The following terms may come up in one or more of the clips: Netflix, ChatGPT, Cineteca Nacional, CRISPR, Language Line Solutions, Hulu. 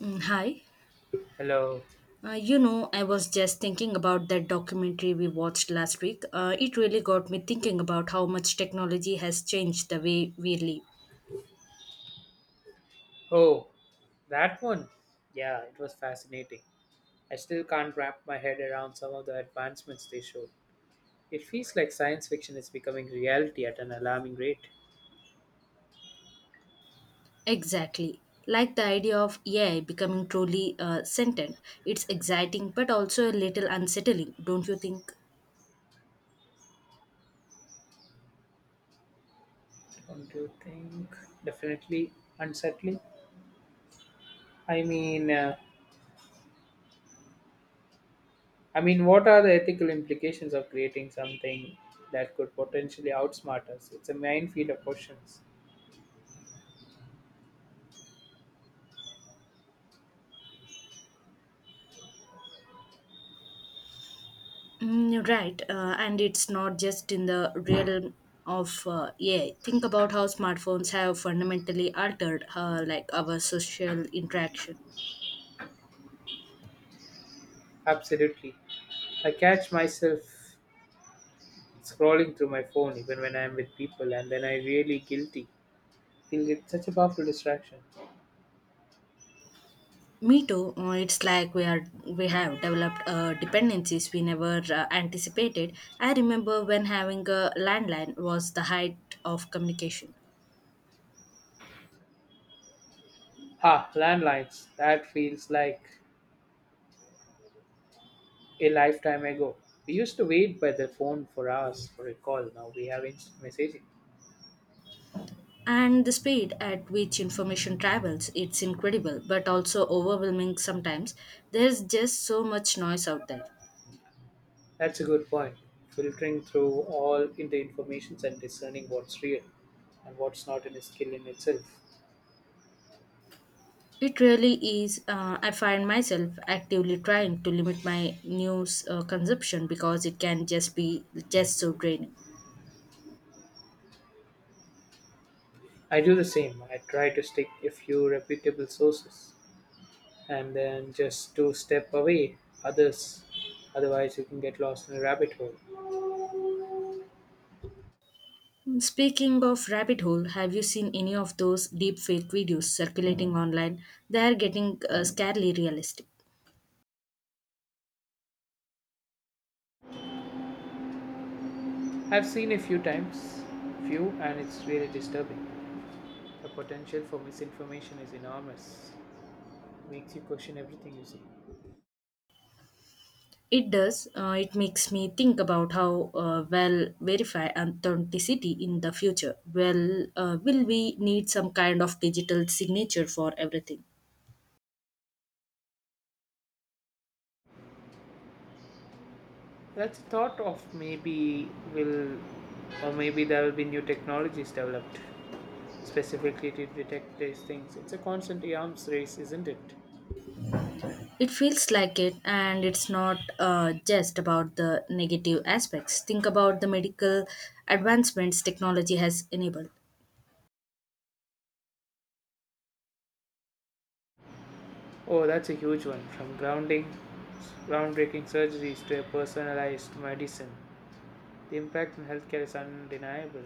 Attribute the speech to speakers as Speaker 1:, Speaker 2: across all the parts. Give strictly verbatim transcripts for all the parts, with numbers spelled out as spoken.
Speaker 1: Mm, hi.
Speaker 2: Hello.
Speaker 1: Uh, you know, I was just thinking about that documentary we watched last week. Uh, it really got me thinking about how much technology has changed the way we live.
Speaker 2: Oh, that one. Yeah, it was fascinating. I still can't wrap my head around some of the advancements they showed. It feels like science fiction is becoming reality at an alarming rate.
Speaker 1: Exactly. Like the idea of A I becoming truly uh, sentient. It's exciting but also a little unsettling, don't you think?
Speaker 2: Don't you think? Definitely unsettling. I mean, uh, I mean, what are the ethical implications of creating something that could potentially outsmart us? It's a minefield of questions.
Speaker 1: Mm, right. Uh, and it's not just in the realm of uh, A I. Think about how smartphones have fundamentally altered uh, like our social interaction.
Speaker 2: Absolutely. I catch myself scrolling through my phone even when I'm with people, and then I really guilty feels it's such a powerful distraction.
Speaker 1: Me too. Uh, It's like we are we have developed uh, dependencies we never uh, anticipated. I remember when having a landline was the height of communication,
Speaker 2: Ah, landlines. That feels like a lifetime ago. We used to wait by the phone for hours for a call. Now we have instant messaging.
Speaker 1: and the speed at which information travels, it's incredible, but also overwhelming sometimes. There's just so much noise out there.
Speaker 2: That's a good point. Filtering through all in the informations and discerning what's real and what's not in a skill in itself.
Speaker 1: It really is. Uh, I find myself actively trying to limit my news uh, consumption because it can just be just so draining.
Speaker 2: I do the same. I try to stick a few reputable sources and then just to step away others. Otherwise, you can get lost in a rabbit hole.
Speaker 1: Speaking of rabbit hole, have you seen any of those deep fake videos circulating online? They are getting uh, scarily realistic.
Speaker 2: I've seen a few times, few, and it's really disturbing. The potential for misinformation is enormous. Makes you question everything you see.
Speaker 1: It does. Uh, it makes me think about how uh, well verify authenticity in the future. Well, uh, will we need some kind of digital signature for everything?
Speaker 2: That's the thought of maybe will, or maybe there will be new technologies developed specifically to detect these things. It's a constant arms race, isn't it?
Speaker 1: It feels like it, and it's not uh, just about the negative aspects. Think about the medical advancements technology has enabled.
Speaker 2: Oh, that's a huge one. From grounding, groundbreaking surgeries to a personalized medicine, the impact on healthcare is undeniable.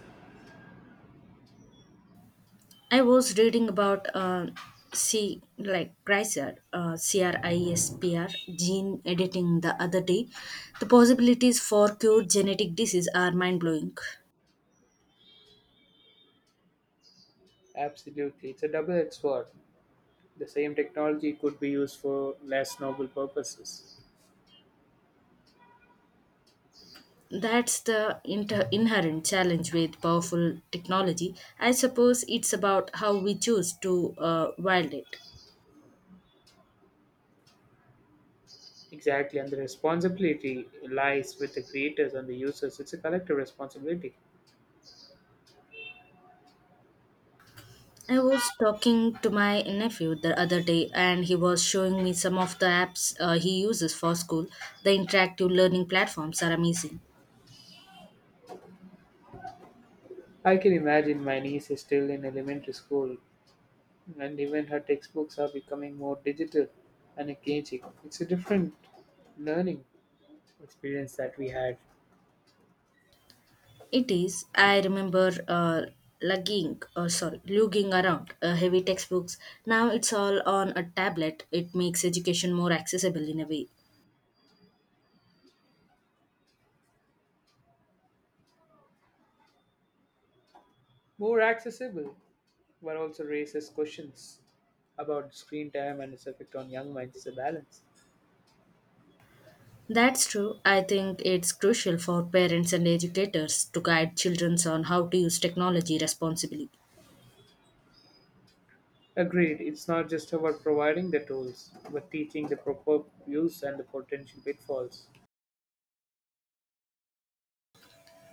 Speaker 1: I was reading about uh, C like CRISPR, uh, CRISPR gene editing the other day. The possibilities for cure genetic disease are mind blowing.
Speaker 2: Absolutely, it's a double-edged sword. The same technology could be used for less noble purposes.
Speaker 1: That's the inter- inherent challenge with powerful technology. I suppose it's about how we choose to uh, wield it.
Speaker 2: Exactly, and the responsibility lies with the creators and the users. It's a collective responsibility.
Speaker 1: I was talking to my nephew the other day, and he was showing me some of the apps uh, he uses for school. The interactive learning platforms are amazing.
Speaker 2: I can imagine my niece is still in elementary school, and even her textbooks are becoming more digital and engaging. It's a different learning experience that we had.
Speaker 1: It is. I remember uh, lugging, or sorry, lugging around uh, heavy textbooks. Now it's all on a tablet. It makes education more accessible in a way.
Speaker 2: More accessible, but also raises questions about screen time and its effect on young minds. It's a balance.
Speaker 1: That's true. I think it's crucial for parents and educators to guide children on how to use technology responsibly.
Speaker 2: Agreed, it's not just about providing the tools, but teaching the proper use and the potential pitfalls.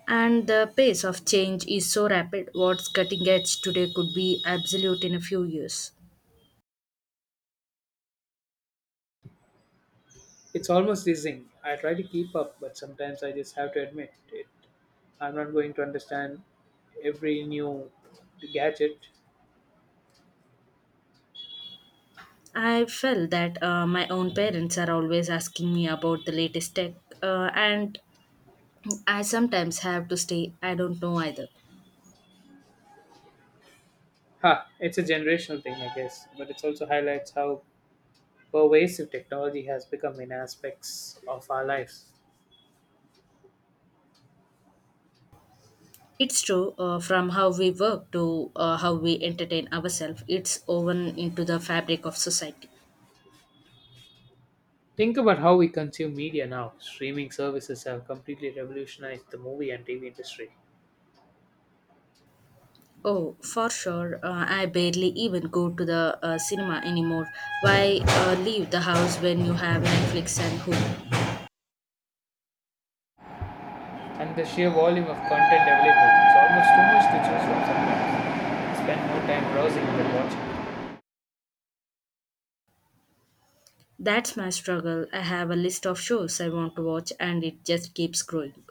Speaker 1: And the pace of change is so rapid, what's cutting edge today could be absolute in a few years.
Speaker 2: It's almost dizzying. I try to keep up, but sometimes I just have to admit it. I'm not going to understand every new gadget.
Speaker 1: I felt that. Uh, my own parents are always asking me about the latest tech, uh, and I sometimes have to stay, I don't know either.
Speaker 2: Ha, it's a generational thing, I guess, but it also highlights how pervasive technology has become in aspects of our lives.
Speaker 1: It's true, uh, from how we work to uh, how we entertain ourselves, it's woven into the fabric of society.
Speaker 2: Think about how we consume media now. Streaming services have completely revolutionized the movie and T V industry.
Speaker 1: Oh, for sure, uh, I barely even go to the uh, cinema anymore. Why uh, leave the house when you have Netflix and Hulu?
Speaker 2: And the sheer volume of content available. It's almost too much to choose from sometimes. Spend more time browsing than watching.
Speaker 1: That's my struggle. I have a list of shows I want to watch and it just keeps growing.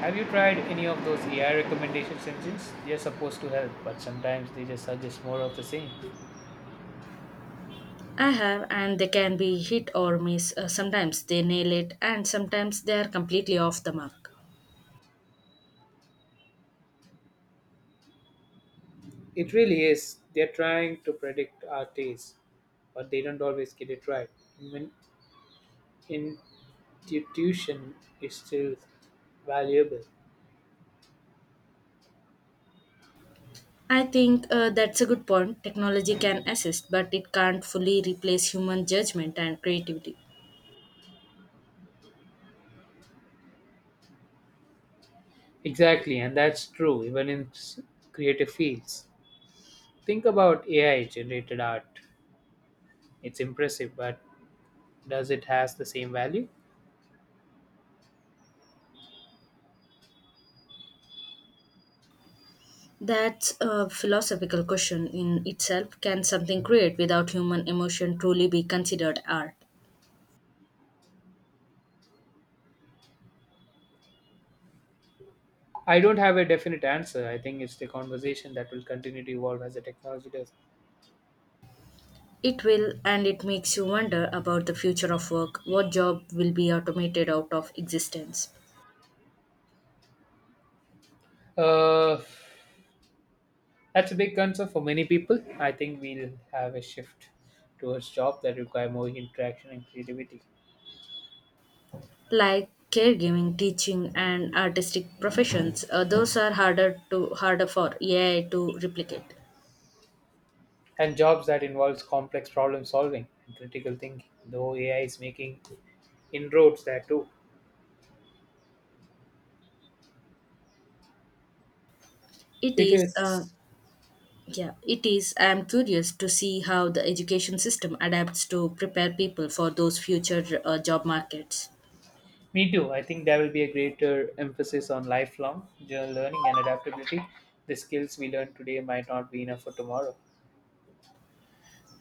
Speaker 2: Have you tried any of those A I recommendations engines? They're supposed to help, but sometimes they just suggest more of the same.
Speaker 1: I have, and they can be hit or miss. Uh, sometimes they nail it, and sometimes they are completely off the mark.
Speaker 2: It really is. They're trying to predict our tastes, but they don't always get it right. When intuition is still valuable.
Speaker 1: I think uh, that's a good point. Technology can assist, but it can't fully replace human judgment and creativity.
Speaker 2: Exactly, and that's true even in s- creative fields. Think about A I generated art. It's impressive, but does it has the same value?
Speaker 1: That's a philosophical question in itself. Can something create without human emotion truly be considered art?
Speaker 2: I don't have a definite answer. I think it's the conversation that will continue to evolve as the technology does.
Speaker 1: It will, and it makes you wonder about the future of work. What job will be automated out of existence?
Speaker 2: Uh, that's a big concern for many people. I think we'll have a shift towards jobs that require more interaction and creativity,
Speaker 1: Like caregiving, teaching, and artistic professions. Uh, those are harder to harder for A I to replicate.
Speaker 2: and jobs that involves complex problem solving and critical thinking. Though A I is making inroads there too.
Speaker 1: It
Speaker 2: It
Speaker 1: is uh,
Speaker 2: is.
Speaker 1: Yeah, it is. I am curious to see how the education system adapts to prepare people for those future uh, job markets.
Speaker 2: Me too. I think there will be a greater emphasis on lifelong general learning and adaptability. The skills we learn today might not be enough for tomorrow.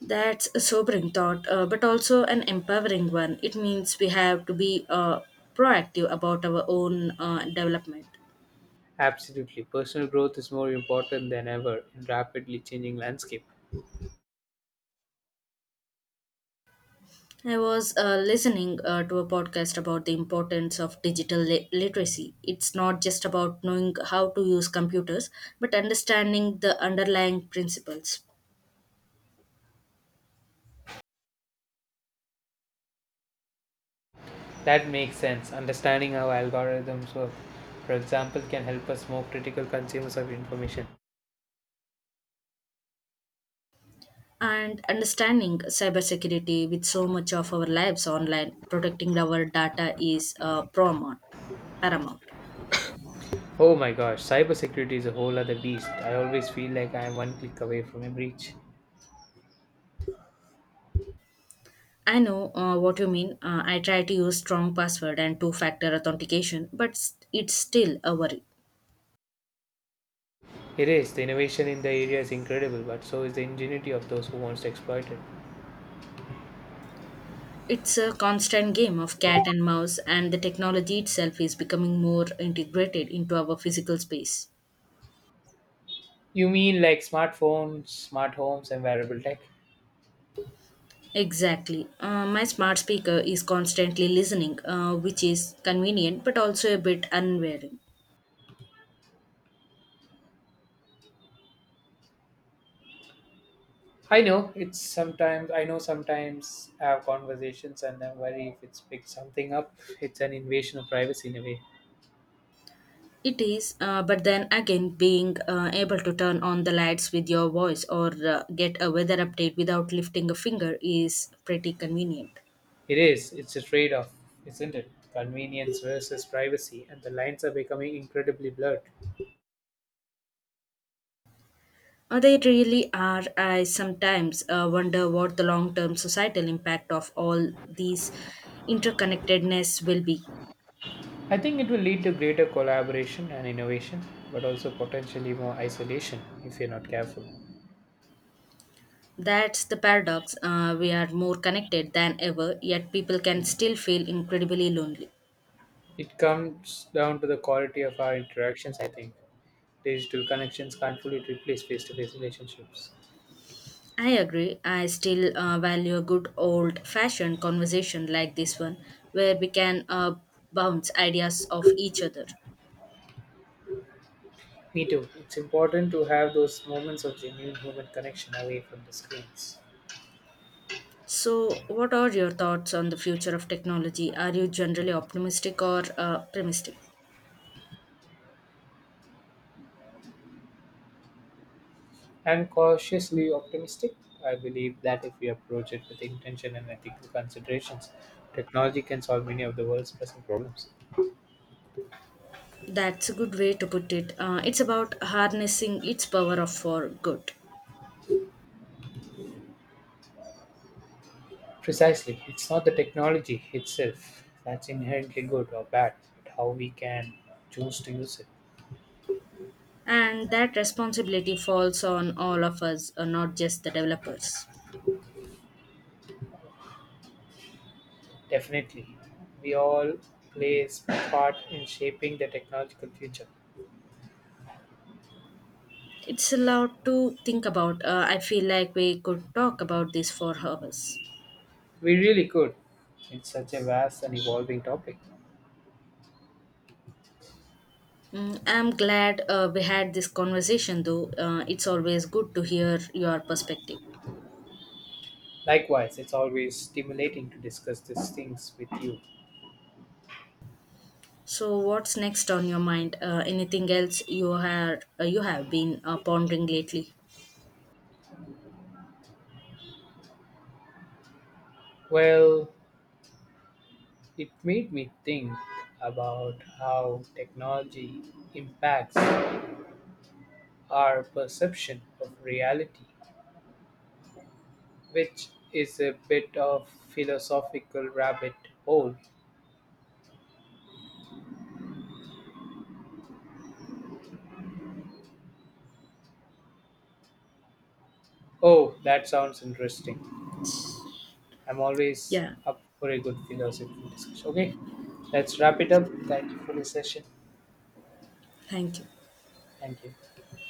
Speaker 1: That's a sobering thought, uh, but also an empowering one. It means we have to be uh, proactive about our own uh, development.
Speaker 2: Absolutely. Personal growth is more important than ever in rapidly changing landscape.
Speaker 1: I was uh, listening uh, to a podcast about the importance of digital li- literacy. It's not just about knowing how to use computers, but understanding the underlying principles.
Speaker 2: That makes sense. Understanding how algorithms work, for example, can help us more critical consumers of information.
Speaker 1: And understanding cybersecurity, with so much of our lives online, protecting our data is uh, paramount paramount.
Speaker 2: Oh my gosh, cybersecurity is a whole other beast. I always feel like I am one click away from a breach.
Speaker 1: I know uh, what you mean. uh, I try to use strong password and two factor authentication, but s- it's still a worry.
Speaker 2: It is. The innovation in the area is incredible, but so is the ingenuity of those who wants to exploit it.
Speaker 1: It's a constant game of cat and mouse, and the technology itself is becoming more integrated into our physical space.
Speaker 2: You mean like smartphones, smart homes, and wearable tech?
Speaker 1: Exactly. Uh, my smart speaker is constantly listening, uh, which is convenient but also a bit unwary.
Speaker 2: I know it's sometimes. I know sometimes I have conversations and I worry if it's picked something up. It's an invasion of privacy in a way.
Speaker 1: It is, uh, but then again, being uh, able to turn on the lights with your voice or uh, get a weather update without lifting a finger is pretty convenient.
Speaker 2: It is. It's a trade-off, isn't it? Convenience versus privacy, and the lines are becoming incredibly blurred.
Speaker 1: Uh, they really are. I sometimes uh, wonder what the long term societal impact of all these interconnectedness will be.
Speaker 2: I think it will lead to greater collaboration and innovation, but also potentially more isolation if you're not careful.
Speaker 1: That's the paradox. Uh, we are more connected than ever, yet people can still feel incredibly lonely.
Speaker 2: It comes down to the quality of our interactions, I think. Digital connections can't fully replace face to face relationships.
Speaker 1: I agree. I still uh, value a good old fashioned conversation like this one, where we can uh, bounce ideas off each other.
Speaker 2: Me too. It's important to have those moments of genuine human connection away from the screens.
Speaker 1: So, what are your thoughts on the future of technology? Are you generally optimistic or uh, pessimistic?
Speaker 2: I'm cautiously optimistic. I believe that if we approach it with intention and ethical considerations, technology can solve many of the world's pressing problems.
Speaker 1: That's a good way to put it. Uh, it's about harnessing its power of for good.
Speaker 2: Precisely. It's not the technology itself that's inherently good or bad, but how we can choose to use it.
Speaker 1: And that responsibility falls on all of us, uh, not just the developers.
Speaker 2: Definitely. We all play a part in shaping the technological future.
Speaker 1: It's a lot to think about. Uh, I feel like we could talk about this for hours.
Speaker 2: We really could. It's such a vast and evolving topic.
Speaker 1: Mm, I'm glad uh, we had this conversation, though. Uh, it's always good to hear your perspective.
Speaker 2: Likewise, it's always stimulating to discuss these things with you.
Speaker 1: So, what's next on your mind? Uh, anything else you have uh, you have been uh, pondering lately?
Speaker 2: Well, it made me think about how technology impacts our perception of reality, which is a bit of philosophical rabbit hole. Oh, that sounds interesting. I'm always
Speaker 1: Yeah,
Speaker 2: up for a good philosophy discussion. Okay, let's wrap it up. Thank you for the session.
Speaker 1: thank you.
Speaker 2: Thank you.